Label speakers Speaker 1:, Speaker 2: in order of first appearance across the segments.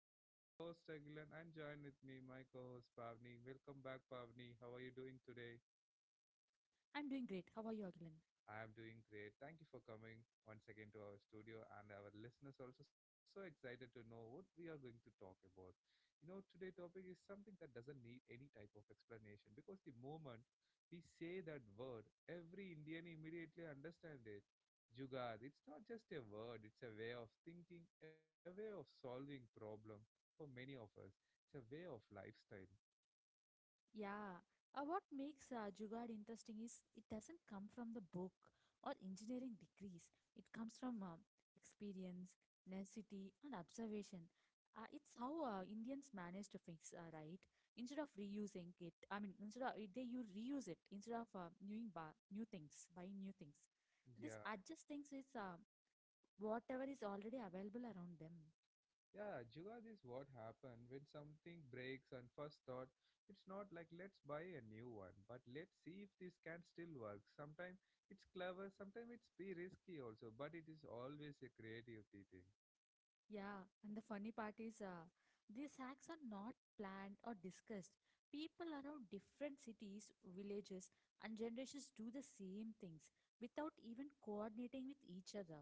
Speaker 1: This is your host Agilan and join with me my co-host Pavni. Welcome back Pavni. How are you doing today?
Speaker 2: I'm doing great. How are you, Agilan?
Speaker 1: I'm doing great. Thank you for coming once again to our studio and our listeners also so excited to know what we are going to talk about. You know, today topic is something that doesn't need any type of explanation because the moment we say that word, every Indian immediately understand it. Jugad, it's not just a word, it's a way of thinking, a way of solving problem for many of us. It's a way of lifestyle.
Speaker 2: Yeah. What makes Jugaad interesting is it doesn't come from the book or engineering degrees. It comes from experience, necessity, and observation. It's how Indians manage to fix, right? Instead of reusing it, I mean, instead of they you reuse it instead of new things, buying new things. This
Speaker 1: Yeah.
Speaker 2: adjust things with whatever is already available around them.
Speaker 1: Yeah, Jugad is what happened when something breaks and first thought it's not like let's buy a new one, but let's see if this can still work. Sometimes it's clever, sometimes it's be risky also, but it is always a creativity thing.
Speaker 2: Yeah, and the funny part is, these hacks are not planned or discussed. People around different cities, villages, and generations do the same things without even coordinating with each other.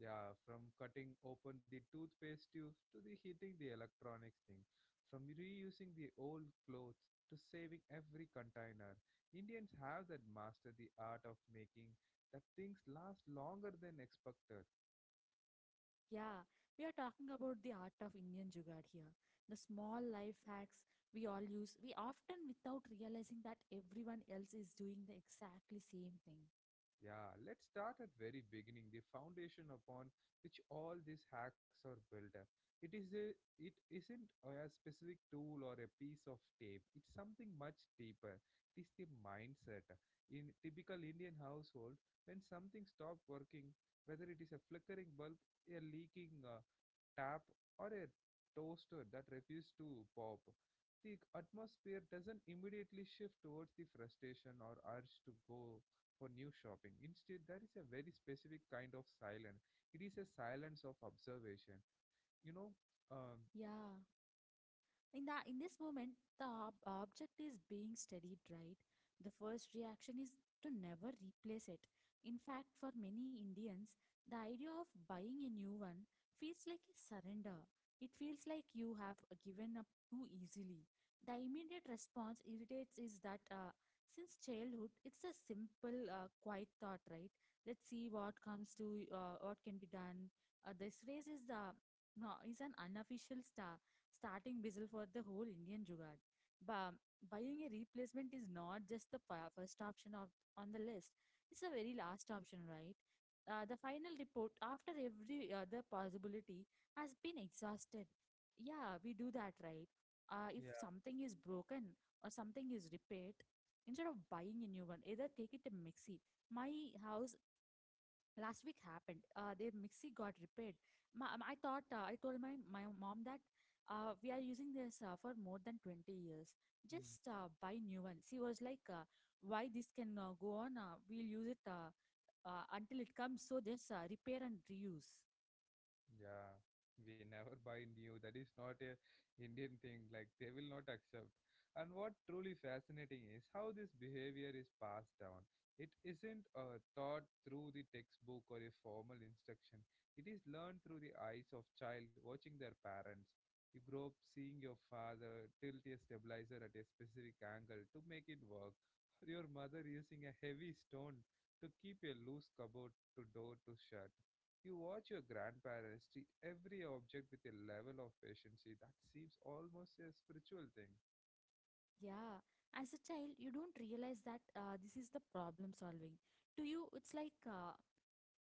Speaker 1: Yeah, from cutting open the toothpaste tube to the hitting the electronics thing, from reusing the old clothes to saving every container. Indians have that master the art of making that things last longer than expected.
Speaker 2: Yeah, we are talking about the art of Indian Jugaad here. The small life hacks we all use, we often without realizing that everyone else is doing the exactly same thing.
Speaker 1: Yeah, let's start at very beginning, the foundation upon which all these hacks are built up. It is a, it isn't a specific tool or a piece of tape. It's something much deeper. It is the mindset. In typical Indian household, when something stops working, whether it is a flickering bulb, a leaking tap, or a toaster that refuses to pop, the atmosphere doesn't immediately shift towards the frustration or urge to go for new shopping. Instead, there is a very specific kind of silence. It is a silence of observation. You know, um,
Speaker 2: Yeah. In this moment the object is being studied, right? The first reaction is to never replace it. In fact, for many Indians, the idea of buying a new one feels like a surrender. It feels like you have given up too easily. The immediate response irritates is that, since childhood it's a simple quiet thought, right? Let's see what comes to, what can be done. This phrase is the no, is an unofficial starting whistle for the whole Indian Jugaad. But buying a replacement is not just the first option of on the list; it's the very last option, right? The final report after every other possibility has been exhausted. Yeah, we do that, right?
Speaker 1: yeah.
Speaker 2: If something is broken or something is repaired, instead of buying a new one, either take it to Mixi. My house last week happened, uh, their mixie got repaired. I thought, I told my mom that uh, we are using this for more than 20 years, just buy new one. She was like, why? This can go on. Uh, we'll use it until it comes, so just repair and reuse.
Speaker 1: Yeah, we never buy new. That is not a Indian thing. Like they will not accept. And what truly fascinating is how this behavior is passed down. It isn't taught through the textbook or a formal instruction. It is learned through the eyes of child watching their parents. You grow up seeing your father tilt a stabilizer at a specific angle to make it work, or your mother using a heavy stone to keep a loose cupboard to door to shut. You watch your grandparents treat every object with a level of patience that seems almost a spiritual thing.
Speaker 2: Yeah, as a child you don't realize that this is the problem solving. To you it's like,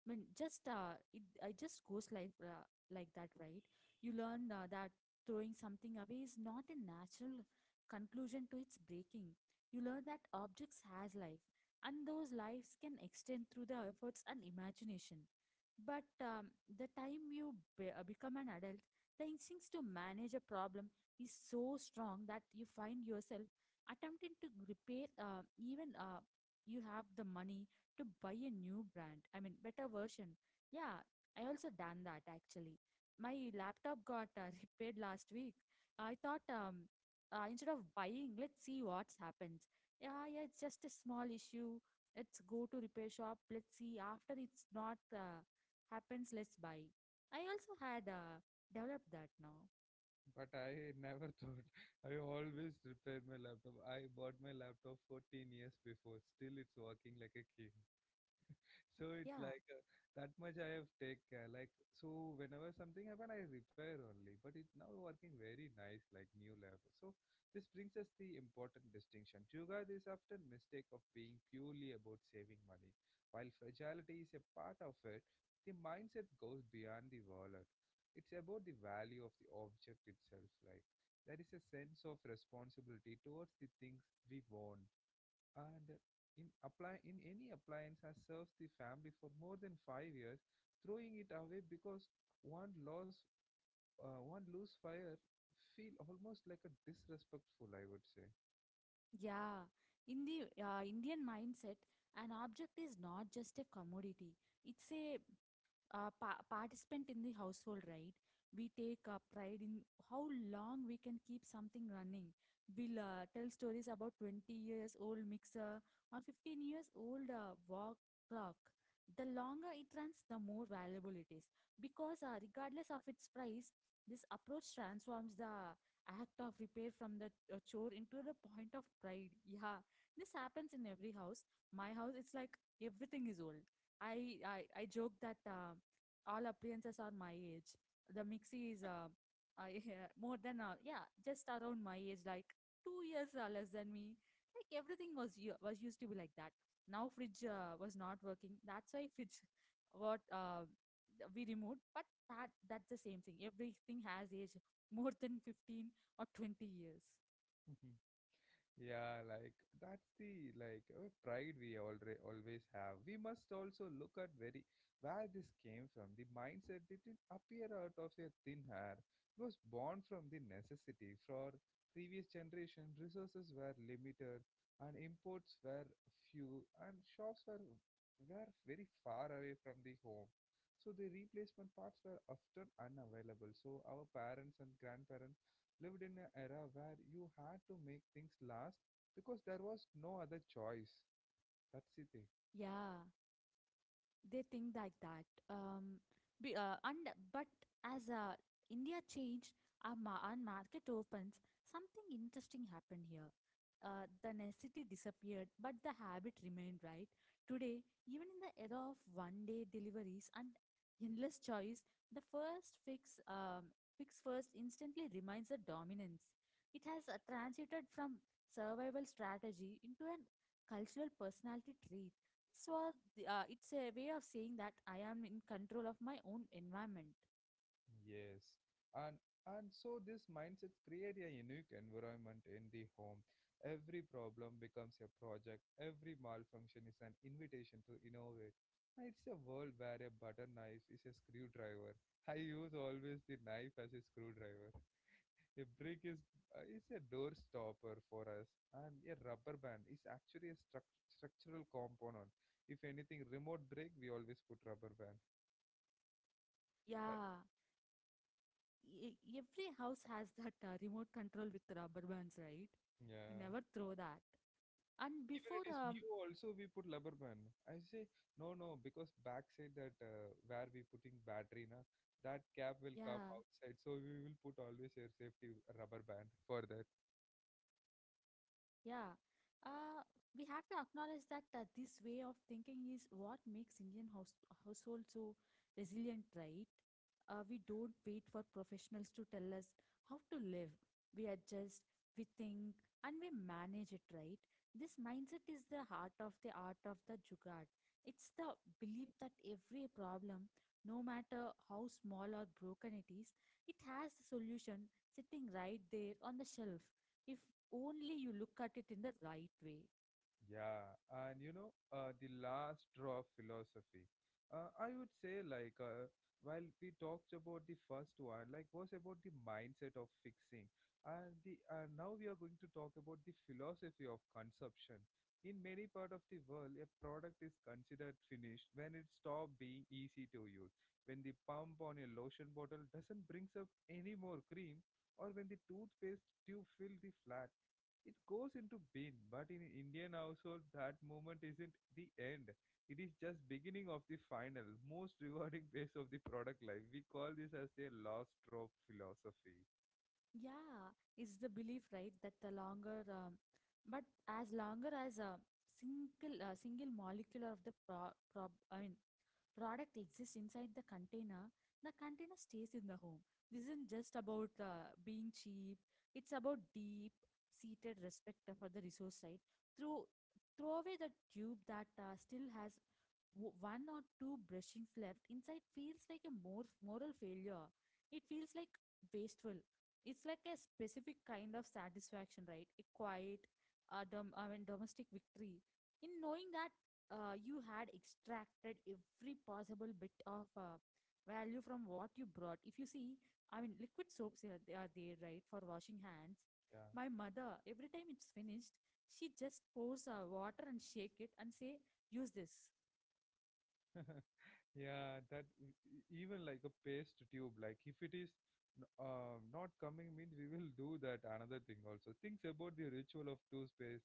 Speaker 2: I mean, just it just goes like, like that, right? You learn that throwing something away is not a natural conclusion to its breaking. You learn that objects has life, and those lives can extend through the efforts and imagination. But the time you become an adult, the instincts to manage a problem is so strong that you find yourself attempting to repair even you have the money to buy a new brand, I mean, better version. Yeah, I also done that actually. My laptop got repaired last week. I thought, instead of buying, let's see what happens. Yeah, yeah, it's just a small issue. Let's go to repair shop. Let's see after it's not happens. Let's buy. I also had developed that now.
Speaker 1: But I never thought. I always repaired my laptop. I bought my laptop 14 years before. Still, it's working like a king. So it's
Speaker 2: Yeah,
Speaker 1: like that much I have take care. Like so, whenever something happen, I repair only. But it's now working very nice, like new laptop. So this brings us the important distinction. Jugad is often mistake of being purely about saving money, while fragility is a part of it. The mindset goes beyond the wallet. It's about the value of the object itself. Like there is a sense of responsibility towards the things we own, and in apply in any appliance has served the family for more than 5 years, throwing it away because one loss one loose fire feel almost like a disrespectful. I would say.
Speaker 2: yeah. In the Indian mindset, an object is not just a commodity. It's a participant in the household, right? We take pride in how long we can keep something running. We'll tell stories about 20 years old mixer or 15 years old, walk clock. The longer it runs, the more valuable it is, because regardless of its price, this approach transforms the act of repair from the chore into the point of pride. Yeah, this happens in every house. My house it's like everything is old. I I I joke that all appliances are my age. The mixie is, I, more than yeah, just around my age, like 2 years, less than me. Like everything was used to be like that. Now fridge was not working. That's why fridge what we removed. But that's the same thing. Everything has age more than 15 or 20 years.
Speaker 1: Yeah, like that's the pride we already always have. We must also look at very where this came from. The mindset didn't appear out of a thin air. It was born from the necessity. For previous generation, resources were limited, and imports were few, and shops were very far away from the home. So the replacement parts were often unavailable. So our parents and grandparents lived in an era where you had to make things last because there was no other choice. That's the thing.
Speaker 2: Yeah. They think like that, be, and but as India changed, our market opens, something interesting happened here. The necessity disappeared but the habit remained, right? Today, even in the era of one day deliveries and endless choice, the first fix fix first instantly remains the dominance. It has transited from survival strategy into an cultural personality trait. So it's a way of saying that I am in control of my own environment.
Speaker 1: Yes. And and so this mindset create a unique environment in the home. Every problem becomes a project. Every malfunction is an invitation to innovate. And it's a world where a butter knife is a screwdriver. I use always the knife as a screwdriver. A brick is a door stopper for us, and a rubber band is actually a structural component. If anything, remote brake we always put rubber band. That
Speaker 2: Yeah, every house has that remote control with rubber bands, right? We
Speaker 1: yeah.
Speaker 2: never throw that. And
Speaker 1: Even
Speaker 2: before,
Speaker 1: it is new also we put rubber band. I say no no because backside that where we putting battery na that cap will come
Speaker 2: yeah.
Speaker 1: outside so we will put always a safety rubber band for that.
Speaker 2: Yeah, uh, we have to acknowledge that this way of thinking is what makes Indian house households so resilient, right? We don't wait for professionals to tell us how to live. We adjust, we think, and we manage it, right? This mindset is the heart of the art of the jugaad. It's the belief that every problem, no matter how small or broken it is, it has a solution sitting right there on the shelf if only you look at it in the right way.
Speaker 1: Yeah, and you know, the last draw of philosophy. I would say, while we talked about the first one, like, was about the mindset of fixing, and the now we are going to talk about the philosophy of consumption. In many part of the world, a product is considered finished when it stops being easy to use, when the pump on a lotion bottle doesn't brings up any more cream, or when the toothpaste tube fills the flat, it goes into bin. But in Indian household that moment isn't the end, it is just beginning of the final most rewarding phase of the product life. We call this as the last drop philosophy.
Speaker 2: Yeah, it's the belief, right, that the longer but as longer as a single molecule of the pro, prob I mean product exists inside the container, the container stays in the home. This isn't just about, being cheap. It's about deep seated respect for the resource, right? through Throw away the tube that still has one or two brushings left inside feels like a more moral failure. It feels like wasteful. It's like a specific kind of satisfaction, right? A quiet, domestic victory in knowing that you had extracted every possible bit of value from what you brought. If you see, I mean, liquid soaps are, they are there, right, for washing hands.
Speaker 1: Yeah.
Speaker 2: My mother, every time it's finished, she just pours water and shake it and say, use this.
Speaker 1: Yeah, that even like a paste tube, like if it is not coming, means we will do that another thing also. Things about the ritual of toothpaste space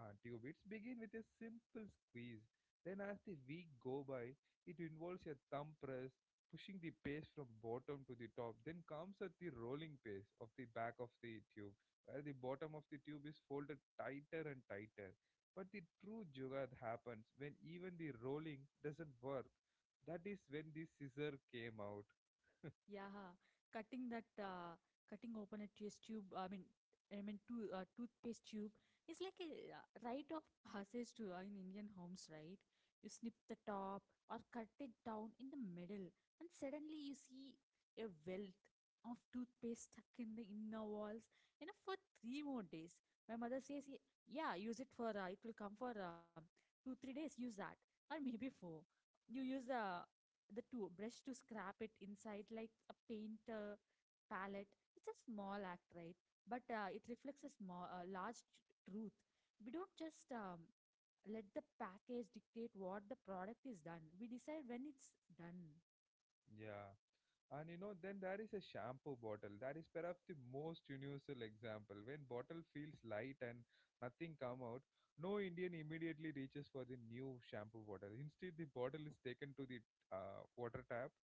Speaker 1: tube. It's begin with a simple squeeze. Then as the week go by, it involves a thumb press, pushing the paste from bottom to the top. Then comes at the rolling paste of the back of the tube, where the bottom of the tube is folded tighter and tighter. But the true jugad happens when even the rolling doesn't work. That is when the scissor came out.
Speaker 2: Yeah, cutting that uh, cutting open a test tube. I mean, toothpaste tube is like a rite of passage to, in Indian homes, right? You snip the top or cut it down in the middle, and suddenly you see a wealth of toothpaste stuck in the inner walls. Enough for three more days. My mother says, "Yeah, use it for it will come for 2 3 days. Use that, or maybe four. You use the to brush to scrap it inside like a paint, palette. It's a small act, right? But it reflects a small large truth. We don't just, let the package dictate what the product is done. We decide when it's done.
Speaker 1: Yeah, and you know, then there is a shampoo bottle that is perhaps the most universal example. When bottle feels light and nothing come out, no Indian immediately reaches for the new shampoo bottle. Instead, the bottle is taken to the water tap.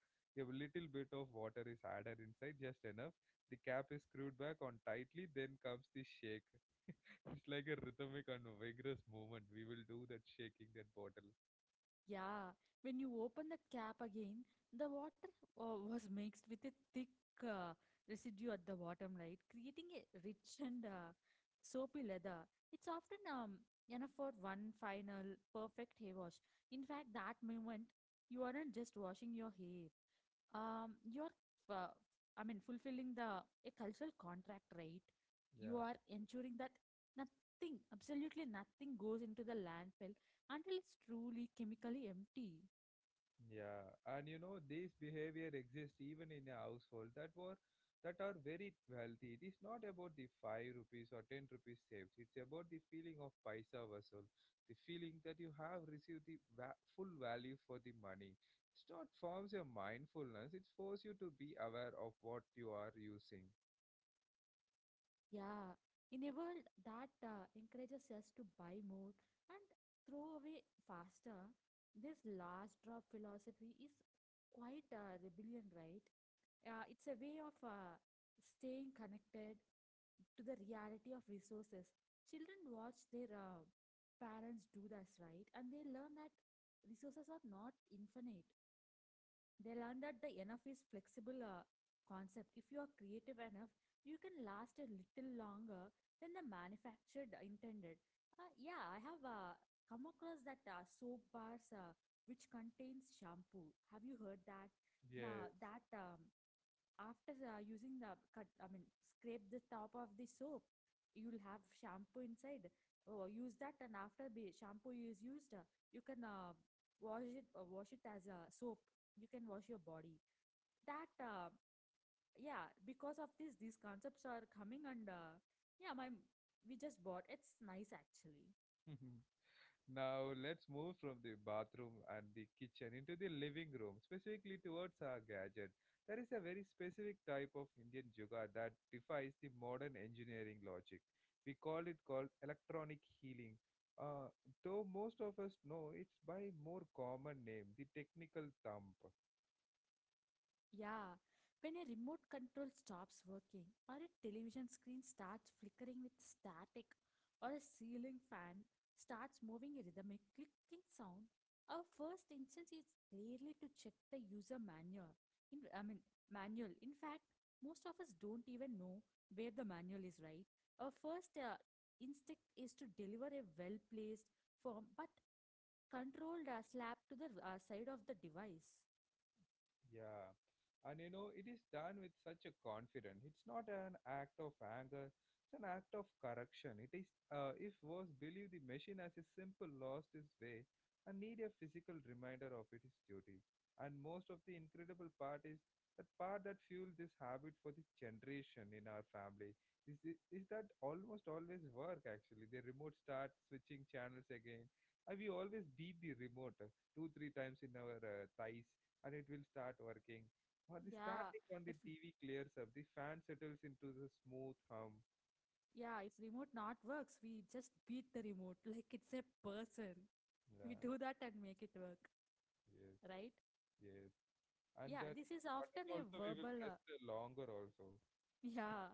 Speaker 1: A little bit of water is added inside, just enough. The cap is screwed back on tightly. Then comes the shake. It's like a rhythmic and vigorous movement. We will do that shaking that bottle.
Speaker 2: Yeah, when you open the cap again, the water was mixed with a thick, uh, residue at the bottom, right? Creating a rich and, soapy leather. It's often, enough for one final perfect hair wash. In fact, that moment, you aren't just washing your hair, you're uh, fulfilling the a cultural contract, right? You
Speaker 1: Yeah.
Speaker 2: are ensuring that nothing, absolutely nothing, goes into the landfill until it's truly chemically empty.
Speaker 1: Yeah, and you know this behavior exists even in a household that are very wealthy. It is not about the five rupees or ten rupees saved. It's about the feeling of paisa vasul, the feeling that you have received the full value for the money. It's not forms your mindfulness. It forces you to be aware of what you are using.
Speaker 2: Yeah, in a world that encourages us to buy more and throw away faster, this last drop philosophy is quite a rebellion, right? It's a way of, staying connected to the reality of resources. Children watch their, parents do this, right? And they learn that resources are not infinite. They learn that the enough is flexible, concept. If you are creative enough, you can last a little longer than the manufactured, intended. Uh, yeah, I have come across that soap bars which contains shampoo. Have you heard that?
Speaker 1: Yes.
Speaker 2: Now that, after using the cut I mean scrape the top of the soap, you'll have shampoo inside. Oh, use that, and after be shampoo is used you can, wash it as a soap. You can wash your body. That yeah, because of this these concepts are coming, and yeah, my we just bought, it's nice actually.
Speaker 1: Now let's move from the bathroom and the kitchen into the living room, specifically towards our gadget. There is a very specific type of Indian yoga that defies the modern engineering logic. We call it called electronic healing. Uh, though most of us know it's by more common name, the technical thump.
Speaker 2: Yeah, when a remote control stops working, or a television screen starts flickering with static, or a ceiling fan starts moving a rhythmic clicking sound, our first instinct is clearly to check the user manual. In, I mean, Manual. In fact, most of us don't even know where the manual is, right? Our first instinct is to deliver a well placed, firm but controlled, slap to the, side of the device.
Speaker 1: Yeah. And you know, it is done with such a confidence. It's not an act of anger, it's an act of correction. If was believe the machine as a simple lost its way and need a physical reminder of its duty. And most of the incredible part is that part that fueled this habit for the generation in our family is, is that almost always work actually. The remote start switching channels again. And we always beat the remote two, three times in our thighs and it will start working. Or the
Speaker 2: Yeah.
Speaker 1: starting on
Speaker 2: I
Speaker 1: the
Speaker 2: feel.
Speaker 1: TV clears up, the fan settles into the smooth hum.
Speaker 2: Yeah, if remote not works, we just beat the remote like it's a person. We
Speaker 1: Yeah,
Speaker 2: do that and make it work,
Speaker 1: yes,
Speaker 2: right?
Speaker 1: yes. And
Speaker 2: Yeah,
Speaker 1: that
Speaker 2: this is
Speaker 1: button
Speaker 2: often a
Speaker 1: also we will
Speaker 2: verbal.
Speaker 1: press the longer also.
Speaker 2: Yeah,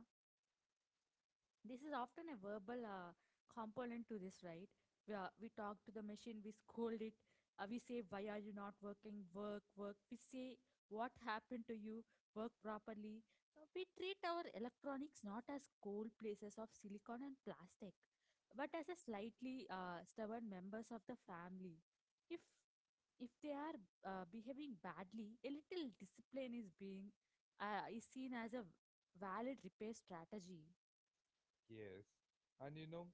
Speaker 2: this is often a verbal, component to this, right? We talk to the machine, we scold it, we say, "Why are you not working? Work, work." We say, "What happened to you? Work properly." We treat our electronics not as cold places of silicon and plastic, but as a slightly stubborn members of the family. If if they are behaving badly, a little discipline is being is seen as a valid repair strategy.
Speaker 1: Yes, and you know,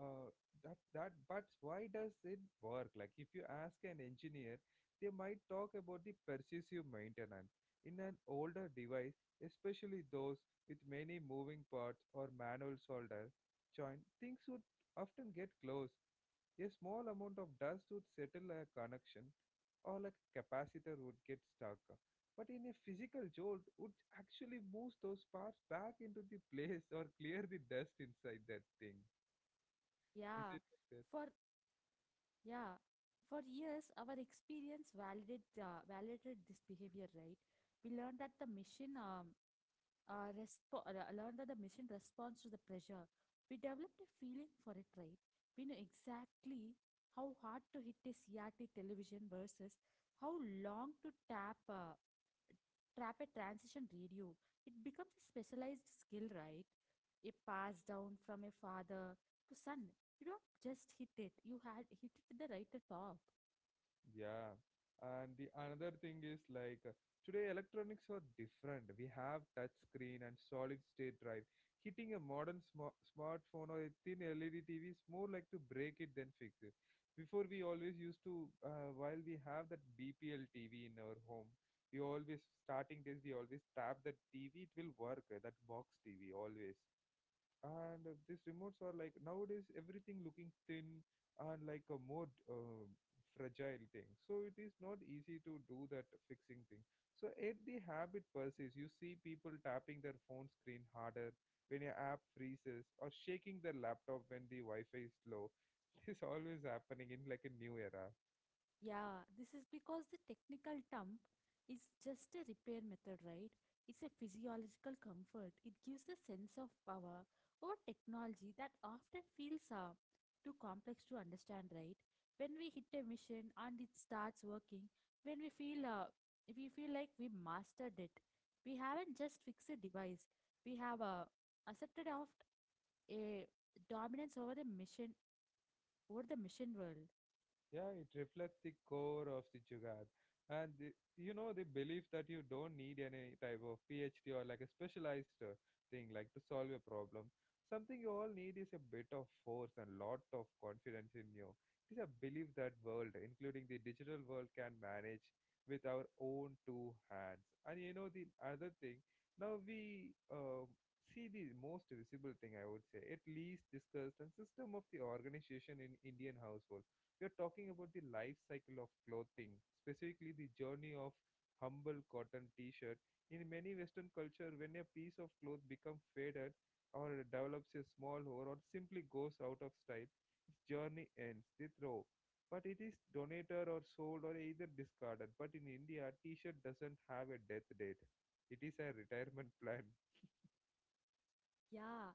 Speaker 1: uh, that that. But why does it work? Like, if you ask an engineer, they might talk about the pervasive maintenance in an older device, especially those with many moving parts or manual solder joint. Things would often get close, a small amount of dust would settle a connection or like a capacitor would get stuck. But in a physical jolt would actually move those parts back into the place or clear the dust inside that thing. Is
Speaker 2: Yeah,
Speaker 1: it like that?
Speaker 2: for yeah, for years our experience validated validated this behavior, right? We learned that the machine respo- learned that the machine responds to the pressure. We developed a feeling for it, right? We know exactly how hard to hit a CRT television versus how long to tap. Trap a transition radio. It becomes a specialized skill, right? A pass down from a father to son. You don't just hit it, you had hit it at the right at top.
Speaker 1: Yeah, and the another thing is today electronics are different. We have touch screen and solid state drive. Hitting a modern smartphone or a thin LED TV is more like to break it than fix it. Before we always used to, while we have that BPL TV in our home, we always starting days we always tap that TV. It will work that box TV always. And these remotes are like nowadays everything looking thin and like a more fragile thing, so it is not easy to do that fixing thing. So yet the habit persists. You see people tapping their phone screen harder when your app freezes or shaking their laptop when the wi-fi is slow. This is always happening in like a new era.
Speaker 2: Yeah, this is because the technical dump is just a repair method, right? It's a physiological comfort. It gives a sense of power over technology that often feels too complex to understand, right? When we hit a mission and it starts working, when we feel like we mastered it, we haven't just fixed a device. We have accepted of a dominance over the mission world.
Speaker 1: Yeah, it reflects the core of the Jugaad. And the belief that you don't need any type of PhD or like a specialized thing like to solve a problem. Something you all need is a bit of force and lot of confidence in you. It is a belief that world, including the digital world, can manage with our own two hands. And you know, the other thing, now we see the most visible thing, I would say, at least discussed and system of the organization in Indian household, we are talking about the life cycle of clothing, specifically the journey of humble cotton t-shirt. In many Western culture, when a piece of cloth becomes faded or develops a small hole or simply goes out of style, its journey ends. They throw, but it is donated or sold or either discarded. But in India, t-shirt doesn't have a death date. It is a retirement plan.
Speaker 2: Yeah,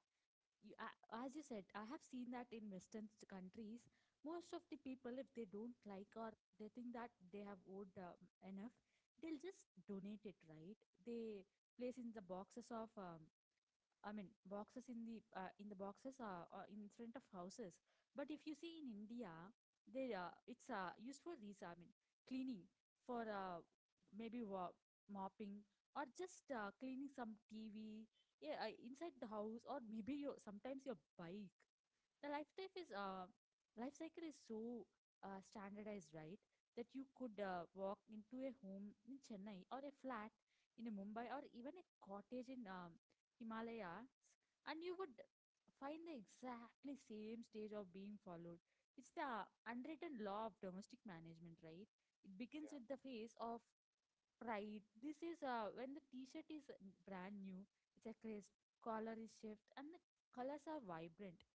Speaker 2: you, as you said, I have seen that in Western countries, most of the people, if they don't like or they think that they have owed enough, they'll just donate it, right? They place in the boxes of boxes in the boxes are in front of houses. But if you see in India, they it's used for these. I mean, cleaning for maybe mopping or just cleaning some TV. Yeah, inside the house or maybe your sometimes your bike. The life cycle is so standardized, right? That you could walk into a home in Chennai or a flat in a Mumbai or even a cottage in Himalayas, and you would find the exactly same stage of being followed. It's the unwritten law of domestic management, right? It begins with the phase of pride. This is when the t shirt is brand new, it's a crisp, collar is shift, and the colors are vibrant.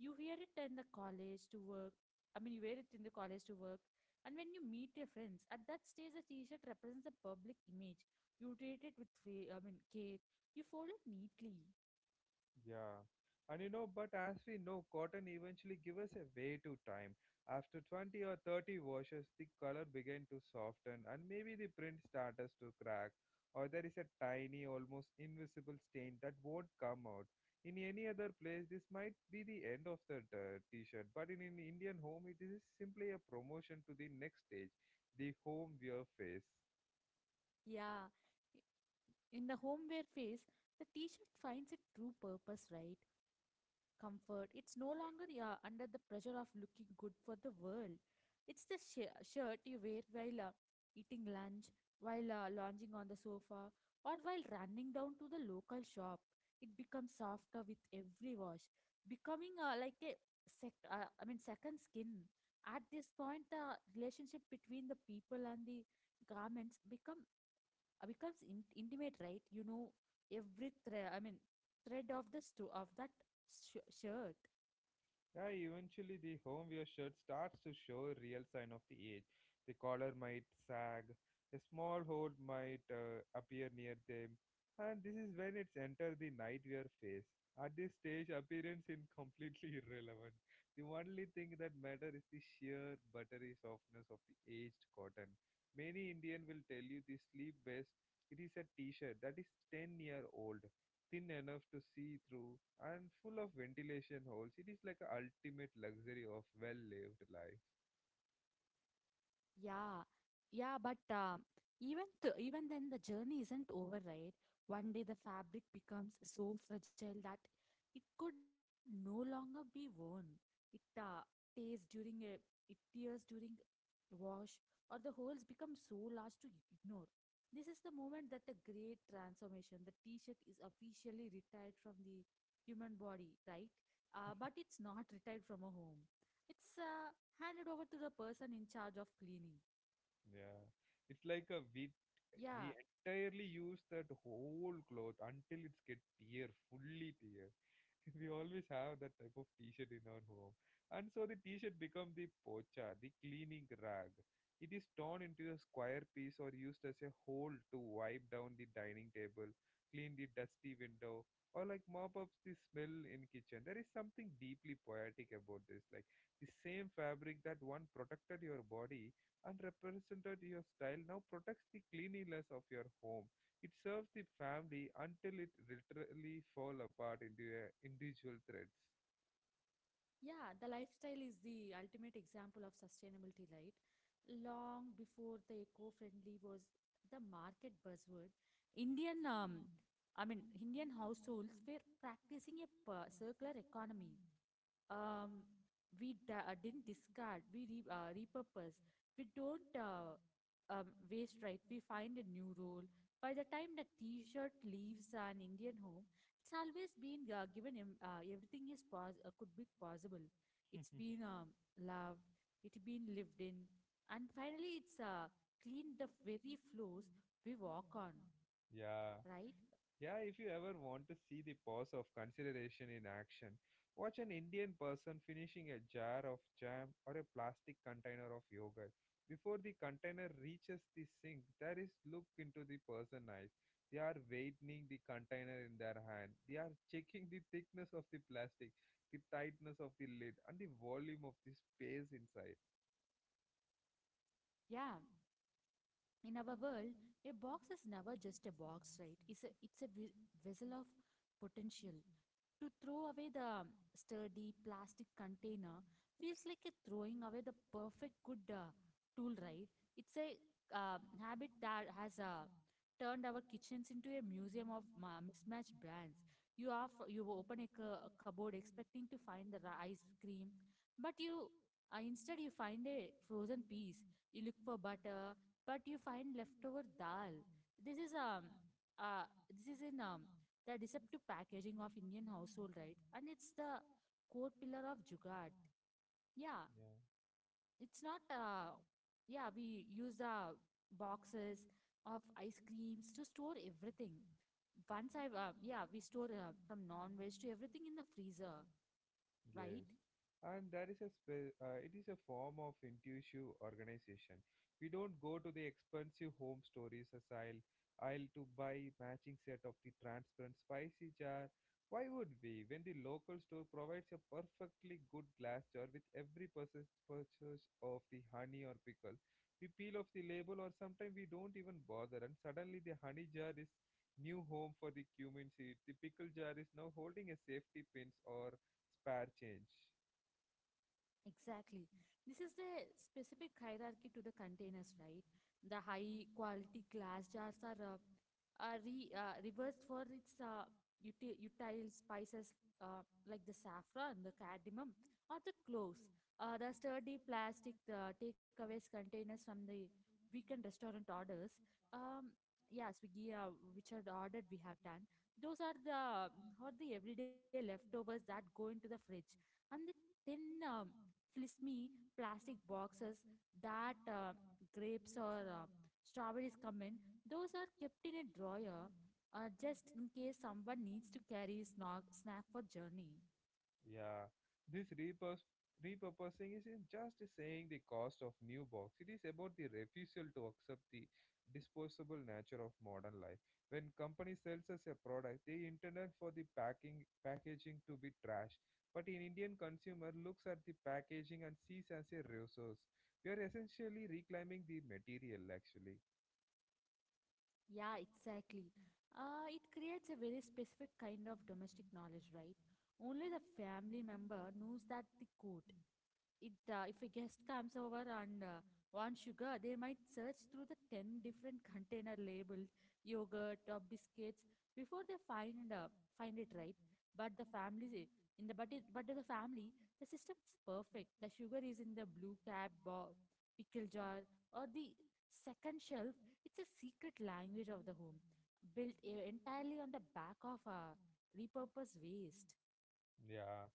Speaker 2: You wear it in the college to work I mean you wear it in the college to work, and when you meet your friends at that stage the t-shirt represents the public image. You treat it with care. You fold it neatly.
Speaker 1: Yeah. And you know, but as we know, cotton eventually gives us a way to time. After 20 or 30 washes, the color began to soften and maybe the print starts to crack, or there is a tiny, almost invisible stain that won't come out. In any other place, this might be the end of the t-shirt, but in an Indian home, it is simply a promotion to the next stage, the home wear phase.
Speaker 2: Yeah, in the homeware phase the t-shirt finds its true purpose, right? Comfort. It's no longer, yeah, under the pressure of looking good for the world. It's the shirt you wear while eating lunch, while lounging on the sofa, or while running down to the local shop. It becomes softer with every wash, becoming like a second skin. At this point, the relationship between the people and the garments becomes intimate, right? You know, every thread I mean thread of the sto of that shirt.
Speaker 1: Yeah, eventually the homeware shirt starts to show a real sign of the age. The collar might sag, a small hole might appear near them, and this is when it's enter the nightwear phase. At this stage, appearance is completely irrelevant. The only thing that matters is the sheer buttery softness of the aged cotton. Many Indian will tell you the sleep best. It is a t-shirt that is 10-year old, thin enough to see through and full of ventilation holes. It is like a ultimate luxury of well-lived life.
Speaker 2: Yeah, yeah, but even th even then, the journey isn't over, right? One day the fabric becomes so fragile that it could no longer be worn. It tears during a it tears during wash, or the holes become so large to ignore. This is the moment that a great transformation. The T-shirt is officially retired from the human body, right? But it's not retired from a home. It's handed over to the person in charge of cleaning.
Speaker 1: Yeah, it's like a we
Speaker 2: Yeah,
Speaker 1: we entirely use that whole cloth until it's get tear, fully tear. We always have that type of t-shirt in our home, and so the t-shirt become the pocha, the cleaning rag. It is torn into a square piece or used as a hole to wipe down the dining table, clean the dusty window, or like mop up the smell in kitchen. There is something deeply poetic about this, like the same fabric that one protected your body and represented your style now protects the cleanliness of your home. It serves the family until it literally fall apart into a individual threads.
Speaker 2: yeah, the lifestyle is the ultimate example of sustainability, right? Long before the eco-friendly was the market buzzword, Indian, um, Indian households were practicing a circular economy. um we didn't discard, we repurpose, we don't waste, right? We find a new role. By the time the t-shirt leaves an Indian home, it's always been given em- everything is pos- could be possible. It's been loved, it's been lived in, and finally it's cleaned the very floors we walk on,
Speaker 1: Yeah.
Speaker 2: right?
Speaker 1: Yeah, if you ever want to see the pause of consideration in action, watch an Indian person finishing a jar of jam or a plastic container of yogurt. Before the container reaches the sink, there is look into the person's eyes. They are weighing the container in their hand. They are checking the thickness of the plastic, the tightness of the lid, and the volume of the space inside.
Speaker 2: Yeah, in our world a box is never just a box, right? It's a vessel of potential. To throw away the sturdy plastic container feels like a throwing away the perfect good tool, right? It's a uh, habit that has turned our kitchens into a museum of mismatched brands. You are you open a, a cupboard expecting to find the ice cream, but you instead you find a frozen piece. You look for butter, but you find leftover dal. This is um uh this is in the deceptive packaging of Indian household, right? And it's the core pillar of Jugaad. Yeah,
Speaker 1: Yeah.
Speaker 2: it's not yeah, we use the boxes of ice creams to store everything. Once I, we store from non-veg to everything in the freezer, right?
Speaker 1: Yes. Mhm. And that is a it is a form of intuitive organization. We don't go to the expensive home stories as aisle to buy matching set of the transparent spicy jar. Why would we when the local store provides a perfectly good glass jar with every purchase of the honey or pickle? We peel off the label or sometimes we don't even bother, and suddenly the honey jar is new home for the cumin seed. The pickle jar is now holding a safety pins or spare change.
Speaker 2: Exactly. This is the specific hierarchy to the containers, right? The high quality glass jars are, reversed for its utile spices, like the saffron, the cardamom, or the cloves. The sturdy plastic takeaways containers from the weekend restaurant orders. Um, yeah, Swiggy, which are the ordered we have done. Those are are the everyday leftovers that go into the fridge. And the tin. Um, Flimsy plastic boxes that grapes or strawberries come in. Those are kept in a drawer just in case someone needs to carry snack for journey.
Speaker 1: Yeah, this repurposing isn't just saying the cost of new box. It is about the refusal to accept the disposable nature of modern life. When company sells us a product, they intended for the packing packaging to be trash. But an Indian consumer looks at the packaging and sees as a resource. We are essentially reclaiming the material actually.
Speaker 2: Yeah, exactly. It creates a very specific kind of domestic knowledge, right? Only the family member knows that the code. It If a guest comes over and wants sugar, they might search through the 10 different container labeled yogurt or biscuits before they find find it, right? But the family eh, in the but it, but to the family the system is perfect. The sugar is in the blue cap pickle jar or the second shelf. It's a secret language of the home, built entirely on the back of repurposed waste.
Speaker 1: Yeah.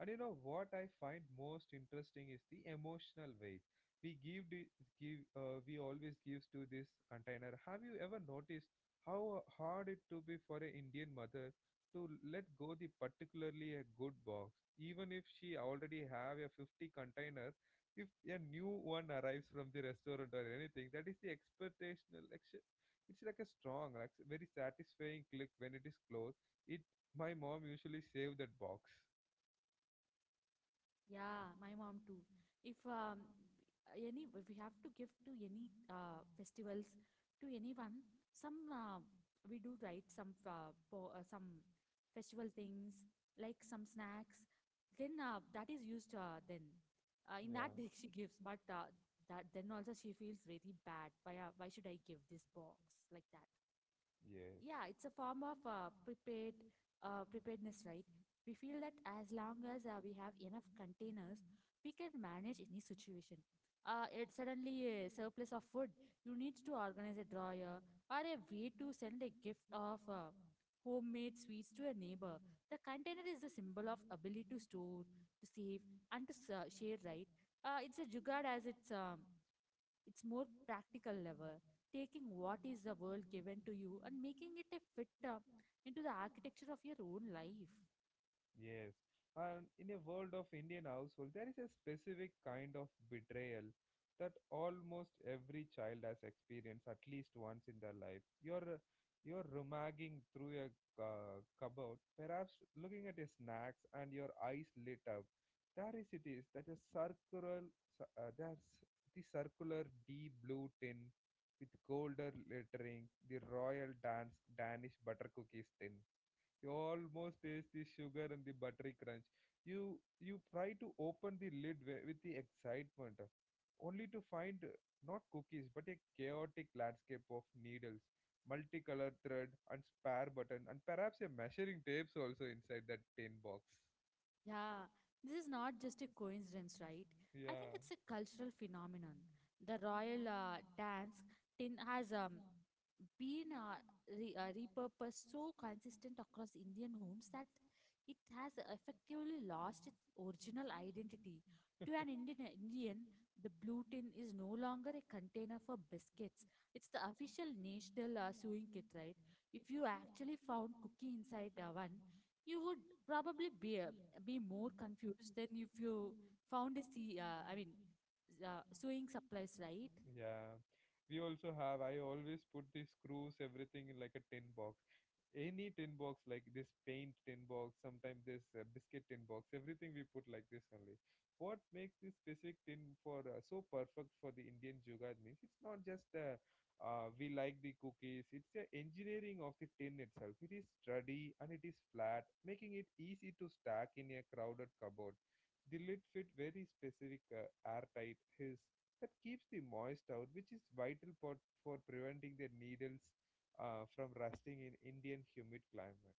Speaker 1: And you know what I find most interesting is the emotional weight we give the- we always gives to this container. Have you ever noticed how hard it to be for an Indian mother to let go the particularly a good box, even if she already have a 50 container, if a new one arrives from the restaurant or anything, that is the expectational. It's like a strong, like very satisfying click when it is closed. It my mom usually save that box.
Speaker 2: Yeah, my mom too. If any if we have to give to any festivals to anyone, some, we do, right? Some po some festival things like some snacks. Then that is used, then in
Speaker 1: Yeah.
Speaker 2: that day she gives, but that then also she feels really bad. Why should I give this box like that?
Speaker 1: Yes.
Speaker 2: Yeah, it's a form of preparedness, right? We feel that as long as we have enough containers we can manage any situation. Uh, it suddenly a surplus of food, you need to organize a drawer, or a way to send a gift of homemade sweets to a neighbor. The container is the symbol of ability to store, to save, and to share, right? Uh, it's a jugaad as it's more practical level, taking what is the world given to you and making it a fit into the architecture of your own life.
Speaker 1: Yes, and in a world of Indian household, there is a specific kind of betrayal that almost every child has experienced at least once in their life. You're rummaging through a cupboard, perhaps looking at a snacks, and your eyes lit up. There is it is that a circular, cir- there's the circular deep blue tin with golden lettering, the royal dance Danish butter cookies tin. You almost taste the sugar and the buttery crunch. You try to open the lid with the excitement, only to find not cookies, but a chaotic landscape of needles, multicolored thread, and spare button, and perhaps a measuring tapes also inside that tin box.
Speaker 2: Yeah, this is not just a coincidence, right? I think
Speaker 1: Yeah.
Speaker 2: it's a cultural phenomenon. The royal dance tin has been repurposed so consistent across Indian homes that it has effectively lost its original identity. To an Indian, the blue tin is no longer a container for biscuits. It's the official national sewing kit, right? If you actually found cookie inside one, you would probably be more confused than if you found a sea. Sewing supplies, right?
Speaker 1: Yeah, we also have. I always put the screws, everything in like a tin box. Any tin box, like this paint tin box, sometimes this biscuit tin box, everything we put like this only. What makes this specific tin for so perfect for the Indian jugad means it's not just we like the cookies, it's the engineering of the tin itself. It is sturdy and it is flat, making it easy to stack in a crowded cupboard. The lid fit very specific airtight his that keeps the moist out, which is vital for preventing the needles from rusting in Indian humid climate.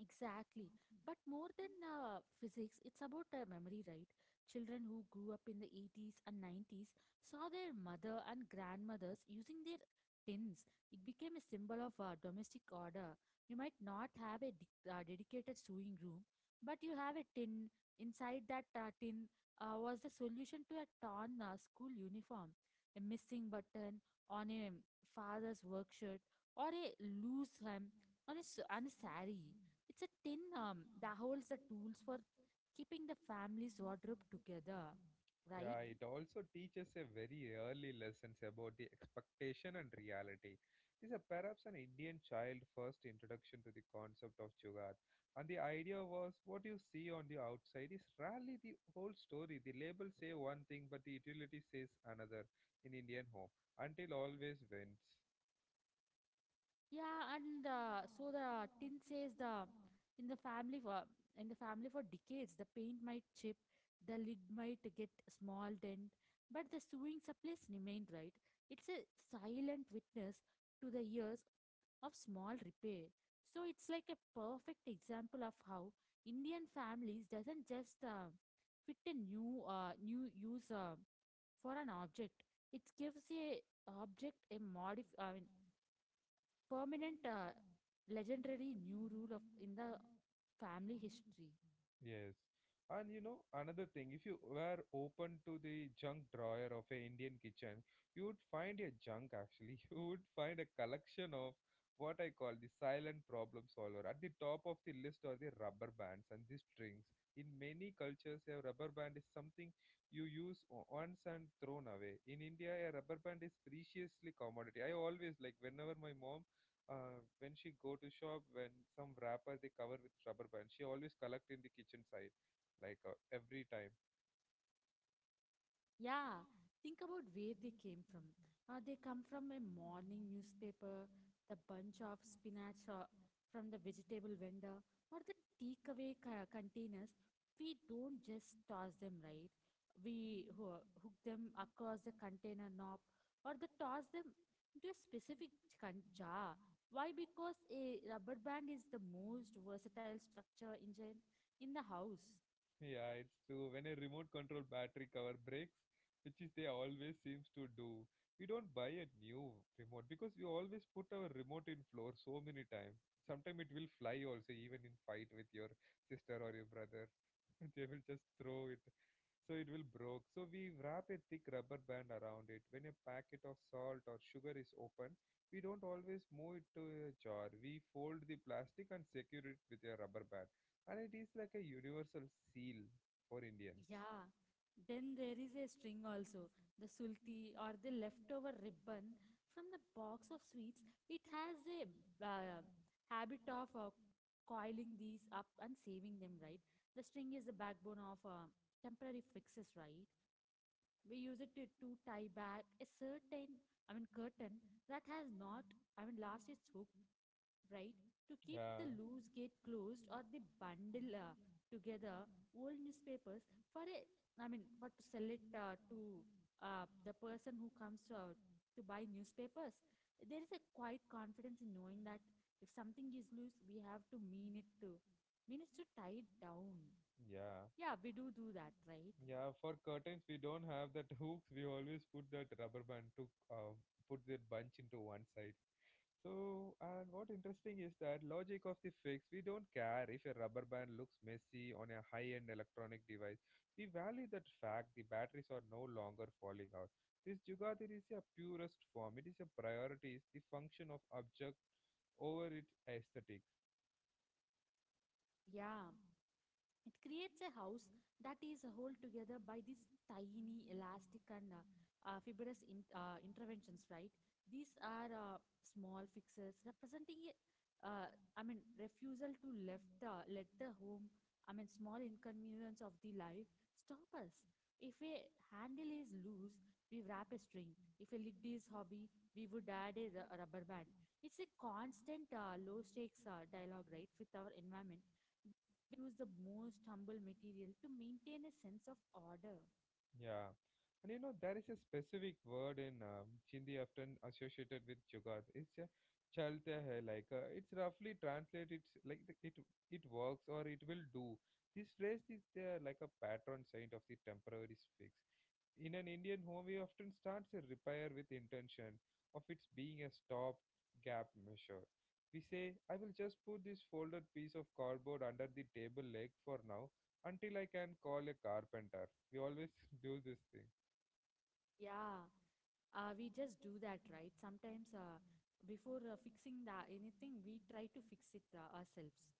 Speaker 2: Exactly. But more than physics, it's about memory, right? Children who grew up in the 80s and 90s saw their mother and grandmothers using their tins. It became a symbol of domestic order. You might not have a dedicated sewing room, but you have a tin. Inside that tin was the solution to a torn school uniform, a missing button on a father's work shirt, or a loose hem on a, on a sari. It's a tin that holds the tools for keeping the family's wardrobe together, right?
Speaker 1: Yeah, it also teaches a very early lessons about the expectation and reality. This is perhaps an Indian child first introduction to the concept of jugaad. And the idea was what you see on the outside is rarely the whole story. The labels say one thing, but the utility says another in Indian home until always wins.
Speaker 2: Yeah, and so the tin says the in the family for in the family for decades. The paint might chip, the lid might get small dent, but the sewing supplies remained, right. It's a silent witness to the years of small repair. So it's like a perfect example of how Indian families doesn't just fit a new use for an object. It gives a object a modif I mean, permanent legendary new rule of in the family history.
Speaker 1: Yes. And you know, another thing, if you were open to the junk drawer of a Indian kitchen, you would find a junk actually. You would find a collection of what I call the silent problem solver. At the top of the list are the rubber bands and the strings. In many cultures, a rubber band is something you use once and thrown away. In India, a rubber band is preciously commodity. I always like whenever my mom when she go to shop, when some wrapper they cover with rubber band, she always collect in the kitchen side, like every time.
Speaker 2: Yeah, think about where they came from. They come from a morning newspaper, the bunch of spinach from the vegetable vendor, or the takeaway containers. We don't just toss them, right. We hook them across the container knob or the toss them into a specific jar. Why? Because a rubber band is the most versatile structure engine in the house.
Speaker 1: Yeah, it's true, when a remote control battery cover breaks, which is they always seems to do, we don't buy a new remote, because we always put our remote in floor so many times. Sometimes it will fly also, even in fight with your sister or your brother. They will just throw it, so it will broke, so we wrap a thick rubber band around it. When a packet of salt or sugar is opened, we don't always move it to a jar. We fold the plastic and secure it with a rubber band, and it is like a universal seal for indians.
Speaker 2: Yeah, then there is a string also. The sulti or the leftover ribbon from the box of sweets. It has a uh, habit of coiling these up and saving them, right? The string is the backbone of temporary fixes, right? We use it to tie back a certain I mean curtain that has not I mean lost its hook, right, to keep the
Speaker 1: yeah
Speaker 2: loose gate closed, or the bundle together, old newspapers for a I mean for to sell it, to the person who comes to buy newspapers. There is a quiet confidence in knowing that if something is loose, we have to tie it down.
Speaker 1: yeah
Speaker 2: Yeah, we do do that, right.
Speaker 1: yeah, for curtains we don't have that hooks. We always put that rubber band to put the bunch into one side. So, and what interesting is that logic of the fix, we don't care if a rubber band looks messy on a high-end electronic device. We value that fact the batteries are no longer falling out. This Jugadir is a purest form. It is a priority, it's the function of object over its aesthetic.
Speaker 2: Yeah. It creates a house that is held together by these tiny, elastic, and fibrous interventions, right? These are small fixes representing a, refusal to let the home, small inconvenience of the life stop us. If a handle is loose, we wrap a string. If a lid is hobby, we would add a rubber band. It's a constant low stakes dialogue, right, with our environment. We use the most humble material to maintain a sense of order.
Speaker 1: Yeah. And you know, there is a specific word in Hindi often associated with Jugaad. It's a chalte hai, like it's roughly translated like the, it works or it will do. This phrase is like a patron saint of the temporary fix. In an Indian home, we often start a repair with intention of its being a stop gap measure. We say, I will just put this folded piece of cardboard under the table leg for now until I can call a carpenter. We always do this thing.
Speaker 2: Yeah. We just do that, right. Sometimes before fixing the anything, we try to fix it ourselves,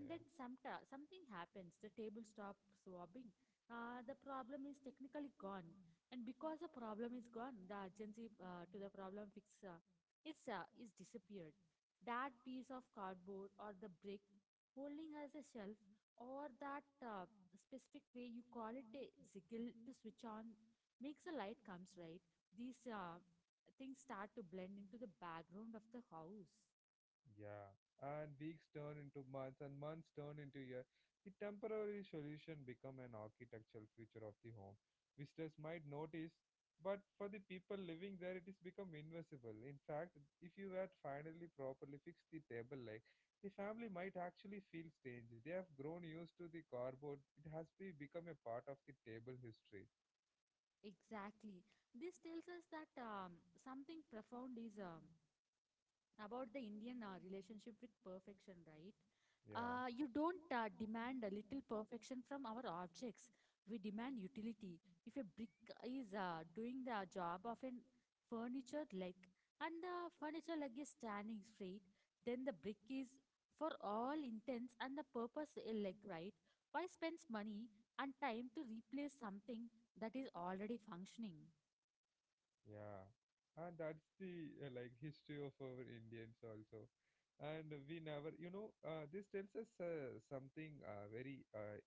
Speaker 1: Yeah.
Speaker 2: then some something happens: the table stops wobbling, the problem is technically gone, and because the problem is gone, the urgency to the problem fix is disappeared. That piece of cardboard, or the brick holding as a shelf, or that specific way you call it, a ziggle to switch on, makes a light comes, right. These things start to blend into the background of the house.
Speaker 1: Yeah, and weeks turn into months, and months turn into years. The temporary solution become an architectural feature of the home. Visitors might notice, but for the people living there, it is become invisible. In fact, if you were to finally properly fix the table leg, the family might actually feel strange. They have grown used to the cardboard. It has become a part of the table history.
Speaker 2: Exactly. This tells us that something profound is about the Indian relationship with perfection, right?
Speaker 1: Yeah.
Speaker 2: You don't demand a little perfection from our objects. We demand utility. If a brick is doing the job of a furniture leg, and the furniture leg is standing straight, then the brick is, for all intents and the purpose, a leg, right? Why spends money and time to replace something that is already functioning?
Speaker 1: Yeah, and that's the like history of our Indians also, and we never, you know, this tells us something very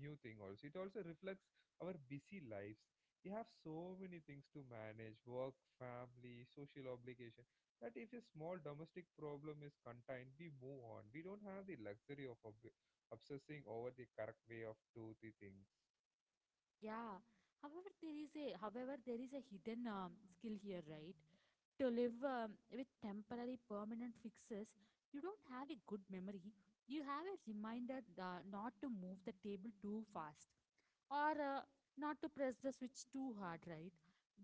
Speaker 1: new thing also. It also reflects our busy lives. We have so many things to manage: work, family, social obligation. That if a small domestic problem is contained, we move on. We don't have the luxury of obsessing over the correct way of do the things.
Speaker 2: Yeah. However, there is a hidden skill here, right? To live with temporary permanent fixes, you don't have a good memory. You have a reminder not to move the table too fast, or not to press the switch too hard, right.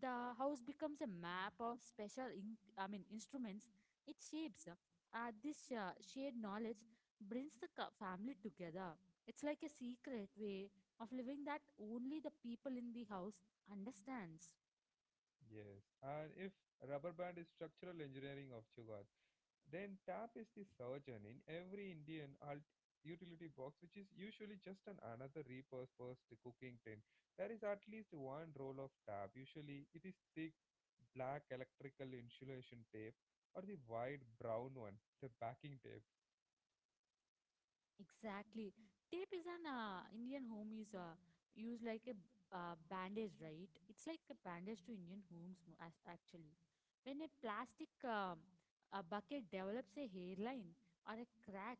Speaker 2: The house becomes a map of special instruments. It shapes this shared knowledge, brings the family together. It's like a secret way of living that only the people in the house understands.
Speaker 1: Yes, and if rubber band is structural engineering of Jugaad, then tap is the surgeon in every Indian utility box, which is usually just an another repurposed cooking tin. There is at least one roll of tap. Usually, it is thick black electrical insulation tape or the wide brown one, the backing tape.
Speaker 2: Exactly. Tape is an Indian home, is used like a bandage, right? It's like a bandage to Indian homes actually. When a plastic a bucket develops a hairline or a crack,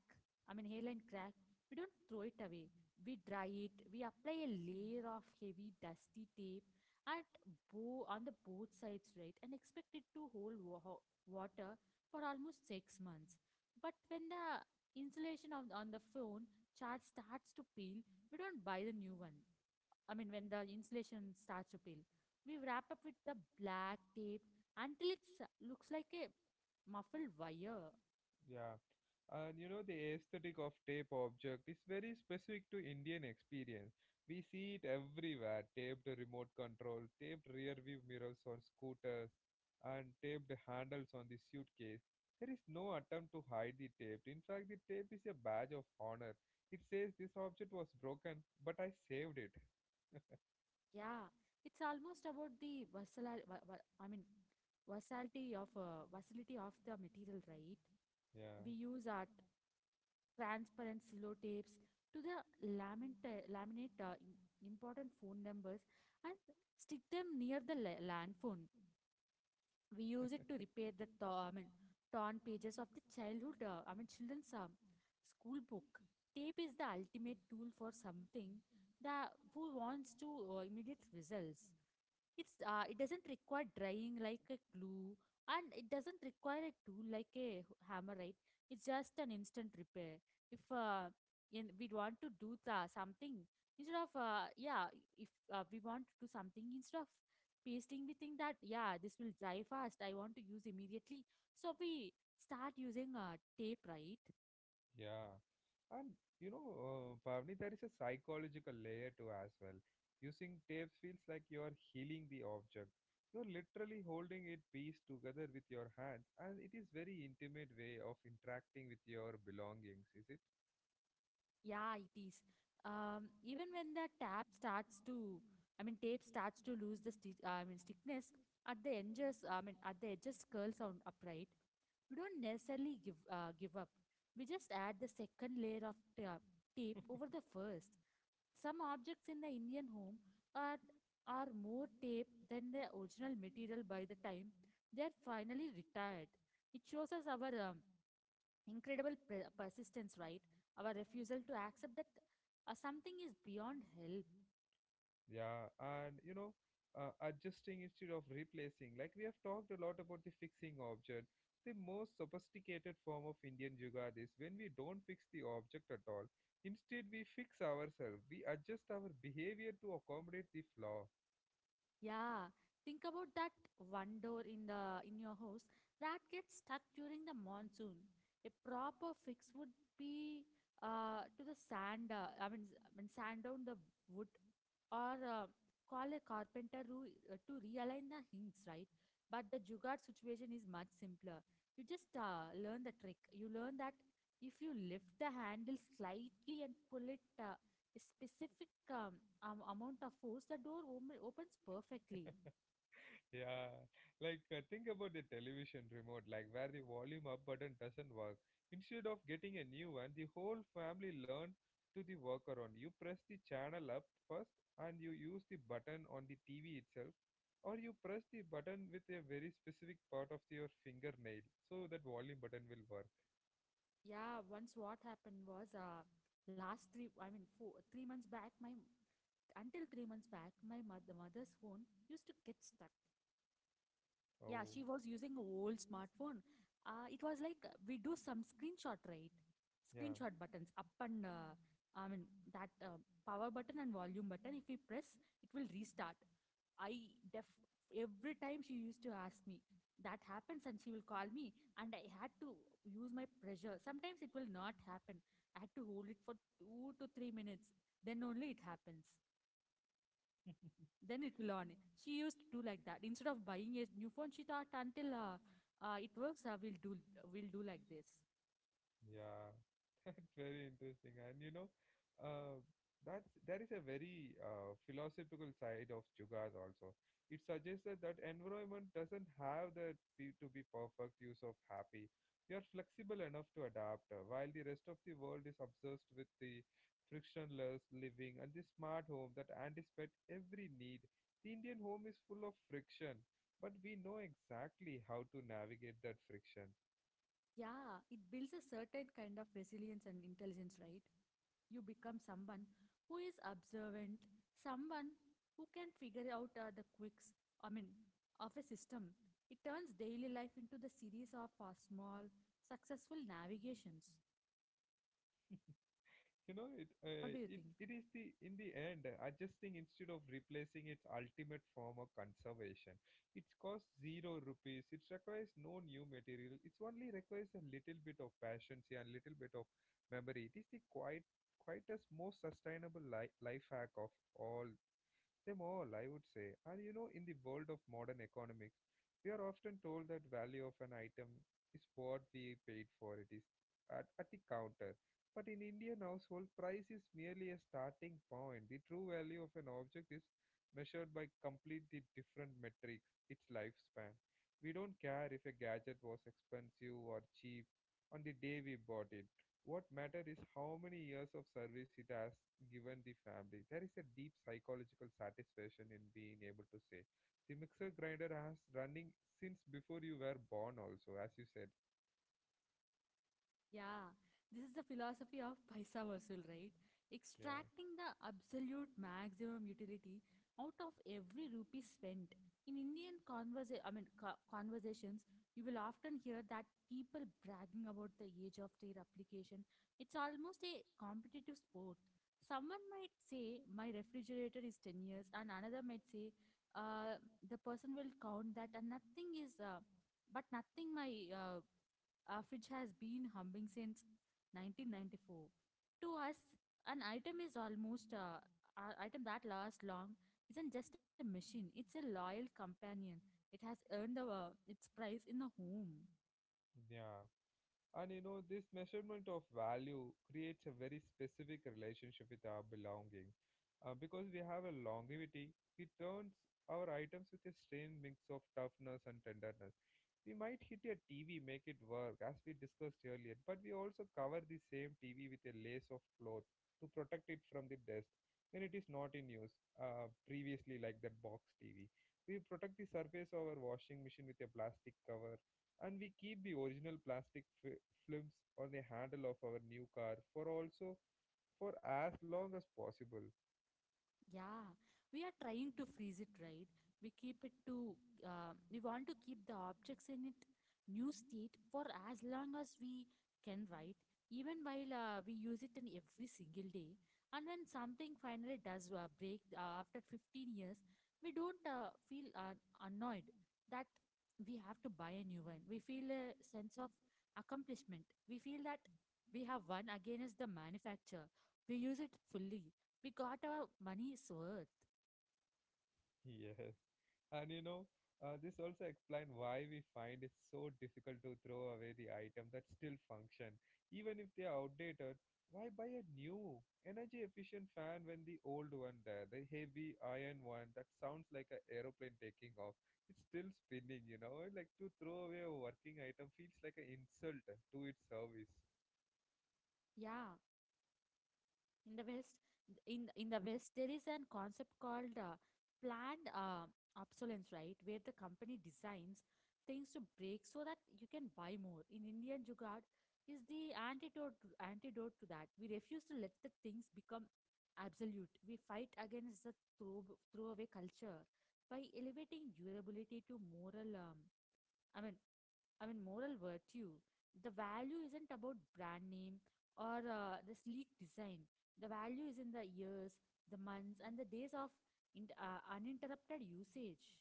Speaker 2: I mean hairline crack, we don't throw it away. We dry it. We apply a layer of heavy dusty tape at on the both sides, right, and expect it to hold water for almost 6 months. But when the insulation of, on the phone charge starts to peel, we don't buy the new one. I mean, when the insulation starts to peel, we wrap up with the black tape until it looks like a muffled wire.
Speaker 1: Yeah. And you know, the aesthetic of tape object is very specific to Indian experience. We see it everywhere: taped remote control, taped rear view mirrors on scooters, and taped handles on the suitcase. There is no attempt to hide the tape. In fact, the tape is a badge of honor. It says this object was broken but I saved it.
Speaker 2: Yeah, it's almost about the versatility. I mean, versatility of the material, right?
Speaker 1: Yeah.
Speaker 2: We use art transparent cello tapes to the laminate important phone numbers and stick them near the land phone. We use it to repair the torn pages of the children's school book. Tape is the ultimate tool for something that who wants to immediate results. It doesn't require drying like a glue, and it doesn't require a tool like a hammer, right. It's just an instant repair. If in, we want to do the, something instead of yeah If we want to do something instead of pasting, we think that, yeah, this will dry fast, I want to use immediately, so we start using tape, right.
Speaker 1: Yeah. And Pavni, there is a psychological layer to as well. Using tapes feels like you are healing the object. You're literally holding it piece together with your hands, and it is very intimate way of interacting with your belongings, is it?
Speaker 2: Yeah, it is. Even when the tape starts to lose the stiffness at the edges. I mean, at the edges curls on upright. We don't necessarily give up. We just add the second layer of tape over the first. Some objects in the Indian home are are more tape than the original material by the time they are finally retired. It shows us our incredible persistence, right? Our refusal to accept that something is beyond help.
Speaker 1: Yeah, and adjusting instead of replacing. Like we have talked a lot about the fixing object, the most sophisticated form of Indian Jugad is when we don't fix the object at all. Instead, we fix ourselves. We adjust our behavior to accommodate the flaw.
Speaker 2: Yeah, think about that one door in the in your house that gets stuck during the monsoon. A proper fix would be to the sand. I mean, s- I mean sand down the wood, or call a carpenter who, to realign the hinges, right? But the jugaad situation is much simpler. You just learn the trick. You learn that if you lift the handle slightly and pull it a specific amount of force, the door opens perfectly.
Speaker 1: Yeah, like think about the television remote, like where the volume up button doesn't work. Instead of getting a new one, the whole family learned to the workaround. You press the channel up first and you use the button on the TV itself, or you press the button with a very specific part of your fingernail so that volume button will work.
Speaker 2: Yeah, once what happened was last three, I mean, four, 3 months back, my until 3 months back, my mother's phone used to get stuck. Yeah,
Speaker 1: Oh,
Speaker 2: she was using a old smartphone. It was like, we do some screenshot, right?
Speaker 1: yeah,
Speaker 2: Screenshot buttons up, and I mean that power button and volume button. If we press, it will restart. I def Every time she used to ask me that happens, and she will call me, and I had to use my pressure. Sometimes it will not happen. I had to hold it for 2 to 3 minutes. Then only it happens, then it will on. She used to do like that. Instead of buying a new phone, she thought, until it works, we'll do like this.
Speaker 1: yeah. That's very interesting, and you know, uh, that's there is a very philosophical side of Jugaad also. It suggests that, environment doesn't have the be, to be perfect use of happy. You are flexible enough to adapt, while the rest of the world is obsessed with the frictionless living and the smart home that anticipate every need. The Indian home is full of friction, but we know exactly how to navigate that friction.
Speaker 2: Yeah, it builds a certain kind of resilience and intelligence, right? You become someone who is observant, someone who can figure out the quirks. I mean, of a system. It turns daily life into the series of small, successful navigations.
Speaker 1: you know it
Speaker 2: What do you
Speaker 1: uh,
Speaker 2: think?
Speaker 1: it it is the in the end adjusting instead of replacing its ultimate form of conservation. It costs 0 rupees. It requires no new material. It's only requires a little bit of patience and little bit of memory. It is the quite quietest most sustainable life hack of all them all, I would say. And you know, in the world of modern economics, we are often told that value of an item is what we paid for it is at the counter. But in Indian household, price is merely a starting point. The true value of an object is measured by completely different metrics, its lifespan. We don't care if a gadget was expensive or cheap on the day we bought it. What matters is how many years of service it has given the family. There is a deep psychological satisfaction in being able to say, the mixer grinder has running since before you were born also, as you said.
Speaker 2: Yeah, this is the philosophy of paisa vasool, right?
Speaker 1: Yeah.
Speaker 2: Extracting the absolute maximum utility out of every rupee spent. In Indian conversations, you will often hear that people bragging about the age of their application. It's almost a competitive sport. Someone might say, my refrigerator is 10 years, and another might say, uh, the person will count that, and nothing is, but nothing my which has been humming since 1994. To us, an item is almost uh, an item that lasts long isn't just a machine; it's a loyal companion. It has earned its price in the home.
Speaker 1: Yeah. And you know, this measurement of value creates a very specific relationship with our belonging. Because we have a longevity, we turns our items with a strange mix of toughness and tenderness. We might hit a TV, make it work, as we discussed earlier, but we also cover the same TV with a lace of cloth to protect it from the dust when it is not in use, previously, like that box TV. We protect the surface of our washing machine with a plastic cover, and we keep the original plastic films on the handle of our new car for also for as long as possible.
Speaker 2: Yeah, we are trying to freeze it, right? We keep it to, we want to keep the objects in it new state for as long as we can, right? Even while we use it in every single day, and when something finally does break after 15 years, we don't feel annoyed that we have to buy a new one. We feel a sense of accomplishment. We feel that we have won against the manufacturer. We use it fully, we got our money's worth.
Speaker 1: Yes. And you know, this also explains why we find it so difficult to throw away the item that still function, even if they are outdated. Why buy a new energy efficient fan when the old one there, the heavy iron one that sounds like an aeroplane taking off, it's still spinning. You know, like to throw away a working item feels like an insult to its service.
Speaker 2: Yeah, in the West, in the West, there is an concept called planned obsolescence, right? Where the company designs things to break so that you can buy more. In Indian Jugaad, is the antidote to that. We refuse to let the things become absolute. We fight against the throwaway culture by elevating durability to moral. I mean Moral virtue. The value isn't about brand name or the sleek design. The value is in the years, the months, and the days of uninterrupted usage.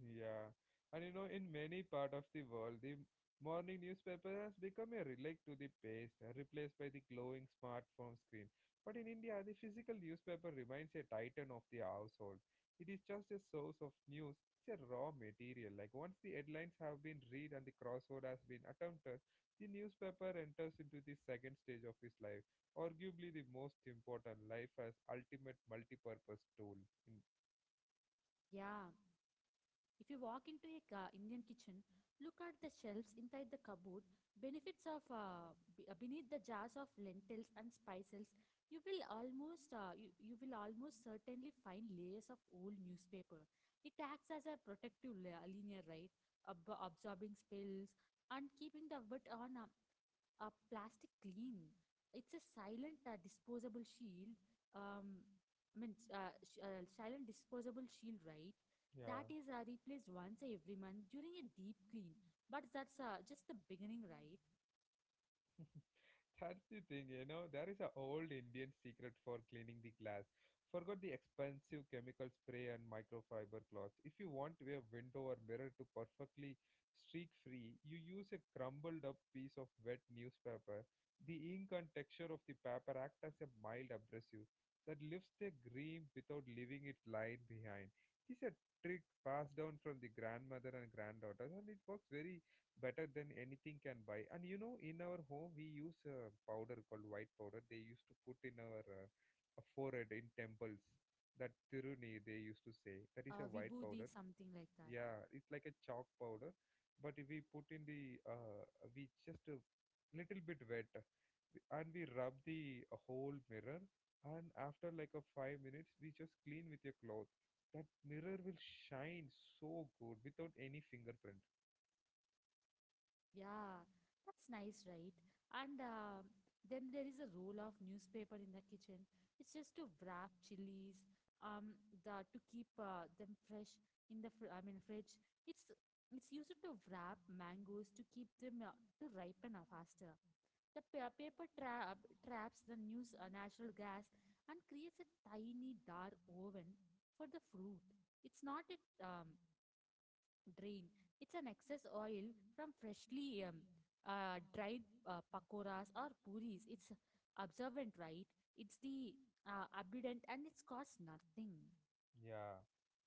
Speaker 1: Yeah, and you know, in many part of the world, the morning newspaper has become a relic to the past, replaced by the glowing smartphone screen. But in India, the physical newspaper remains a titan of the household. It is just a source of news. It's a raw material. Like once the headlines have been read and the crossword has been attempted, the newspaper enters into the second stage of his life, arguably the most important life as ultimate multi-purpose tool. In,
Speaker 2: Yeah. If you walk into a Indian kitchen, look at the shelves inside the cupboard, benefits of beneath the jars of lentils and spices. You will you will almost certainly find layers of old newspaper. It acts as a linear, right? Absorbing spills and keeping the wit on a plastic clean. It's a silent disposable shield. Um, Silent disposable shield, right? That
Speaker 1: yeah.
Speaker 2: is replaced once every month during a deep clean. But that's just the beginning, right?
Speaker 1: That's the thing, you know. There is a old Indian secret for cleaning the glass. Forgot the expensive chemical spray and microfiber cloths. If you want a window or mirror to perfectly streak free, you use a crumbled up piece of wet newspaper. The ink and texture of the paper act as a mild abrasive that lifts the cream without leaving it lying behind. This a trick passed down from the grandmother and granddaughters, and it works very better than anything can buy. And you know, in our home, we use a powder called white powder. They used to put in our forehead in temples. That tiruni, they used to say. That is a white
Speaker 2: Vibhuti,
Speaker 1: powder.
Speaker 2: something like that.
Speaker 1: Yeah, it's like a chalk powder, but we put in the we just a little bit wet, and we rub the whole mirror. And after like a 5 minutes, we just clean with your cloth. That mirror will shine so good without any fingerprint.
Speaker 2: Yeah, that's nice, right? And then there is a roll of newspaper in the kitchen. It's just to wrap chilies, um, the to keep them fresh in the fridge. It's it's used to wrap mangoes to keep them to ripen faster. The paper trap traps the news natural gas and creates a tiny dark oven for the fruit. It's not a drain. It's an excess oil from freshly dried pakoras or puris. It's absorbent, right? It's the abundant and it's costs nothing.
Speaker 1: Yeah,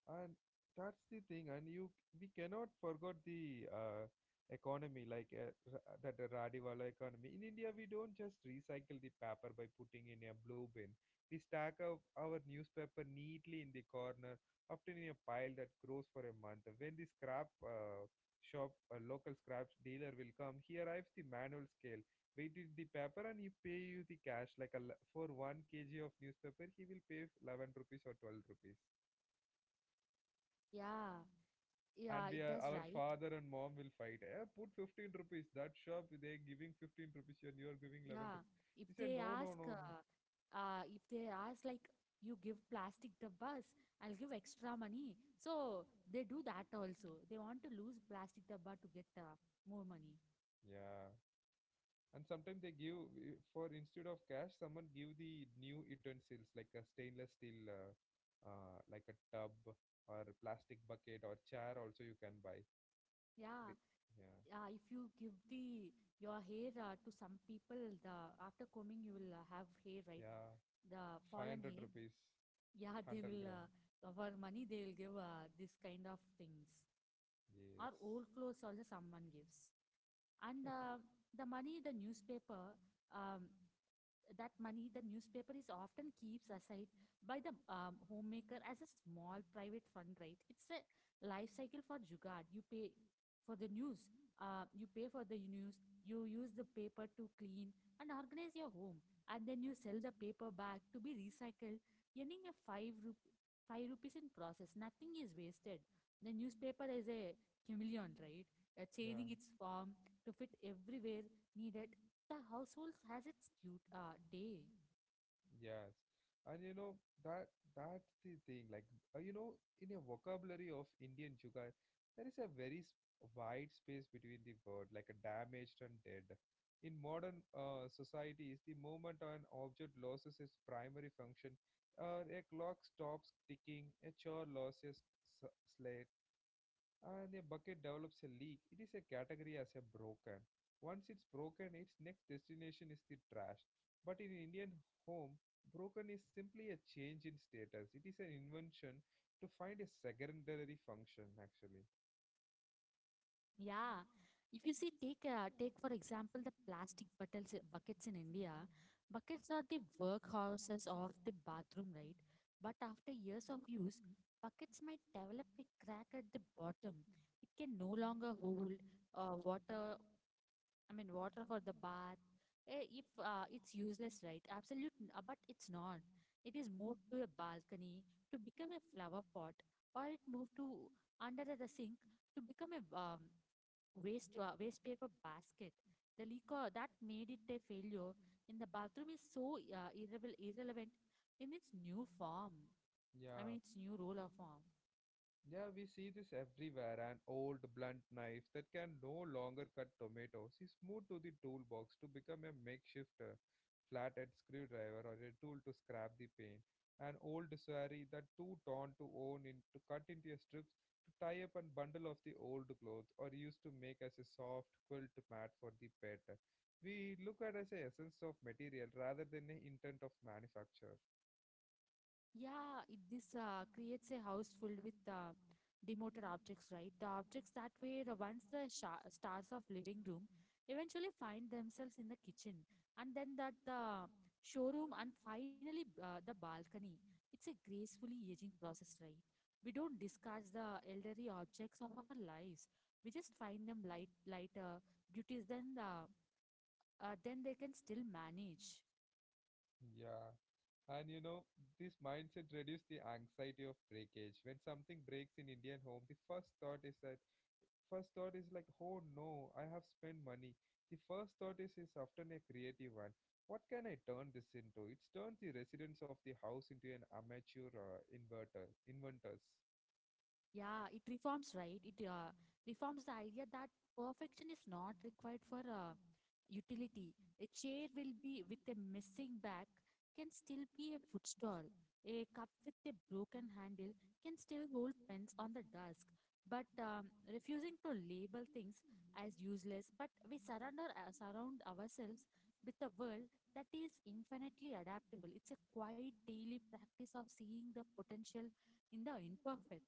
Speaker 1: and that's the thing, and you we cannot forget the economy, like ra- that Radiwala economy. In India, we don't just recycle the paper by putting in a blue bin. We stack up our newspaper neatly in the corner, often in a pile that grows for a month. When the scrap shop, a local scrap dealer will come, he arrives the manual scale, weighted the paper, and he pay you the cash. Like for one kg of newspaper, he will pay 11 rupees or 12 rupees.
Speaker 2: Yeah,
Speaker 1: And
Speaker 2: yeah,
Speaker 1: we
Speaker 2: it
Speaker 1: are
Speaker 2: does,
Speaker 1: our
Speaker 2: right?
Speaker 1: father and mom will fight. Eh, put 15 rupees. That shop they giving 15 rupees and you're giving 11
Speaker 2: Yeah.
Speaker 1: rupees.
Speaker 2: If
Speaker 1: He said
Speaker 2: they
Speaker 1: no, no,
Speaker 2: ask,
Speaker 1: no, no.
Speaker 2: uh, if they ask, like, you give plastic the bus, I'll give extra money. So they do that also. They want to lose plastic the to get more money.
Speaker 1: Yeah. And sometimes they give for instead of cash, someone give the new utensils like a stainless steel, like a tub or a plastic bucket or chair. Also you can buy. They,
Speaker 2: Yeah.
Speaker 1: yeah,
Speaker 2: If you give the your hair to some people the after combing you will have hair, right?
Speaker 1: yeah.
Speaker 2: The fallen
Speaker 1: 500
Speaker 2: hair.
Speaker 1: rupees,
Speaker 2: Yeah, they
Speaker 1: 100
Speaker 2: will
Speaker 1: gram.
Speaker 2: for money they will give this kind of things,
Speaker 1: Yes.
Speaker 2: or old clothes also someone gives. And the money the newspaper um, that money the newspaper is often keeps aside by the homemaker as a small private fund, right? It's a life cycle for jugad. You pay for the news you pay for the news, you use the paper to clean and organize your home, and then you sell the paper back to be recycled, earning a 5 rupees in process. Nothing is wasted. The newspaper is a chameleon, right?
Speaker 1: Yeah.
Speaker 2: Changing its form to fit everywhere needed. The household has its due, day.
Speaker 1: Yes, and you know that that's the thing. Like you know, in a vocabulary of Indian Jugaad, there is a very wide space between the word, like a damaged and dead. In modern societies, the moment an object loses its primary function, a clock stops ticking, a chair loses s- slate, and a bucket develops a leak, it is a category as a broken. Once it's broken, its next destination is the trash. But in Indian home, broken is simply a change in status. It is an invention to find a secondary function actually.
Speaker 2: Yeah, if you see, take take for example the plastic buckets in India. Buckets are the workhorses of the bathroom, right? But after years of use, buckets might develop a crack at the bottom. It can no longer hold water. I mean, water for the bath. Eh, if it's useless, right? Absolute, but it's not. It is moved to a balcony to become a flower pot, or it moved to under the sink to become a waste paper basket. The leaker that made it a failure in the bathroom is so irrelevant in its new form. I
Speaker 1: Yeah,
Speaker 2: mean, its new role of form.
Speaker 1: yeah, we see this everywhere. An old blunt knife that can no longer cut tomatoes is moved to the toolbox to become a makeshift flathead screwdriver or a tool to scrap the paint, an old sari that too torn to own in to cut into a strips to tie up and bundle of the old clothes or used to make as a soft quilt mat for the pet. We look at as a essence of material rather than the intent of manufacture.
Speaker 2: Yeah, it, this creates a house filled with demoted objects, right? The objects that were once the sha stars of living room eventually find themselves in the kitchen, and then that the showroom, and finally the balcony. It's a gracefully aging process, right? We don't discard the elderly objects of our lives. We just find them lighter duties than the then they can still manage.
Speaker 1: Yeah. And you know, this mindset reduces the anxiety of breakage. When something breaks in Indian home, the first thought is that first thought is like, oh no, I have spent money. The first thought is often a creative one. What can I turn this into? It's turned the residents of the house into an amateur inverter inventors.
Speaker 2: Yeah, it reforms, right? It reforms the idea that perfection is not required for utility. A chair will be with a missing back can still be a footstool. A cup with a broken handle can still hold pens on the desk. But refusing to label things as useless, but we surround ourselves with a world that is infinitely adaptable. It's a quiet daily practice of seeing the potential in the imperfect.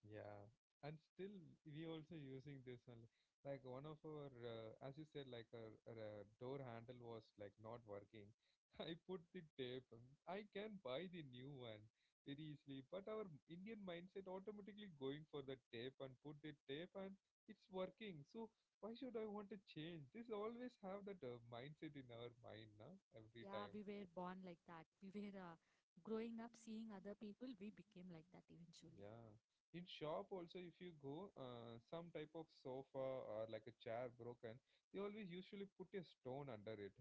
Speaker 1: Yeah, and still we also using this only. Like one of our, as you said, like our door handle was like not working. I put the tape. I can buy the new one very easily, but our Indian mindset automatically going for the tape and put the tape and it's working. So why should I want to change? This always have that mindset in our mind, na every
Speaker 2: Yeah,
Speaker 1: time.
Speaker 2: we were born like that. We were growing up seeing other people, we became like that eventually.
Speaker 1: Yeah. In shop also, if you go, some type of sofa or like a chair broken, they always usually put a stone under it,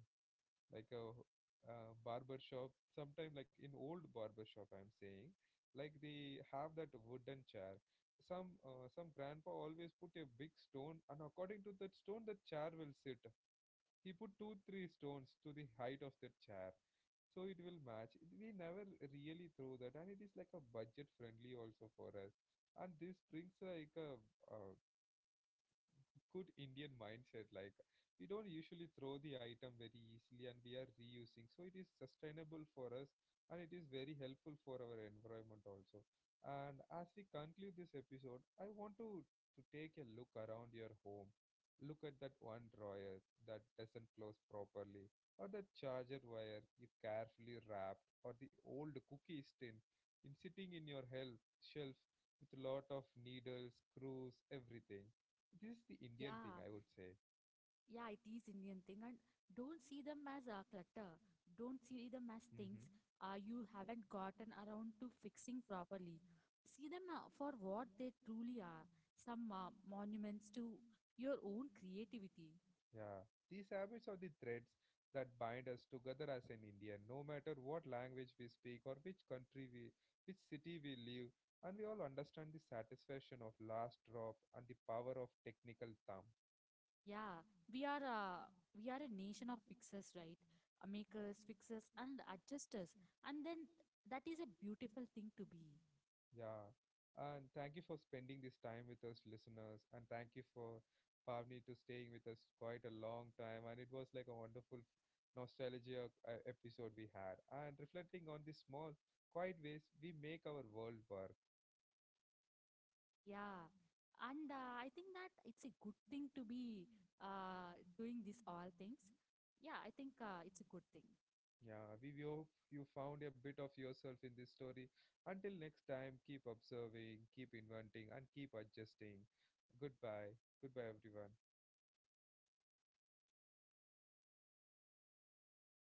Speaker 1: like a barber shop. Sometime like in old barber shop, I'm saying, like they have that wooden chair. Some grandpa always put a big stone, and according to that stone, the chair will sit. He put two, three stones to the height of the chair, so it will match. We never really throw that, and it is like a budget friendly also for us. And this brings like a, uh good Indian mindset. Like we don't usually throw the item very easily, and we are reusing. So it is sustainable for us, and it is very helpful for our environment also. And as we conclude this episode, I want to take a look around your home. Look at that one drawer that doesn't close properly, or the charger wire you carefully wrapped, or the old cookie tin in sitting in your help shelf with a lot of needles, screws, everything. This is the Indian thing,
Speaker 2: Yeah,
Speaker 1: I would say.
Speaker 2: yeah, it is Indian thing. And don't see them as clutter. Don't see them as things
Speaker 1: Mm-hmm.
Speaker 2: you haven't gotten around to fixing properly. See them for what they truly are, some monuments to your own creativity.
Speaker 1: Yeah, these habits are the threads that bind us together as an Indian, no matter what language we speak or which country which city we live, and we all understand the satisfaction of last drop and the power of technical thumb.
Speaker 2: Yeah, we are uh, we are a nation of fixers, right? Makers, fixers, and adjusters, and then that is a beautiful thing to be.
Speaker 1: Yeah, and thank you for spending this time with us, listeners, and thank you for Pavni to staying with us quite a long time. And it was like a wonderful nostalgia episode we had, and reflecting on the small, quiet ways we make our world work.
Speaker 2: Yeah, and I think that it's a good thing to be doing these all things. Yeah, I think it's a good thing.
Speaker 1: Yeah, we hope you found a bit of yourself in this story. Until next time, keep observing, keep inventing, and keep adjusting. Goodbye, goodbye, everyone.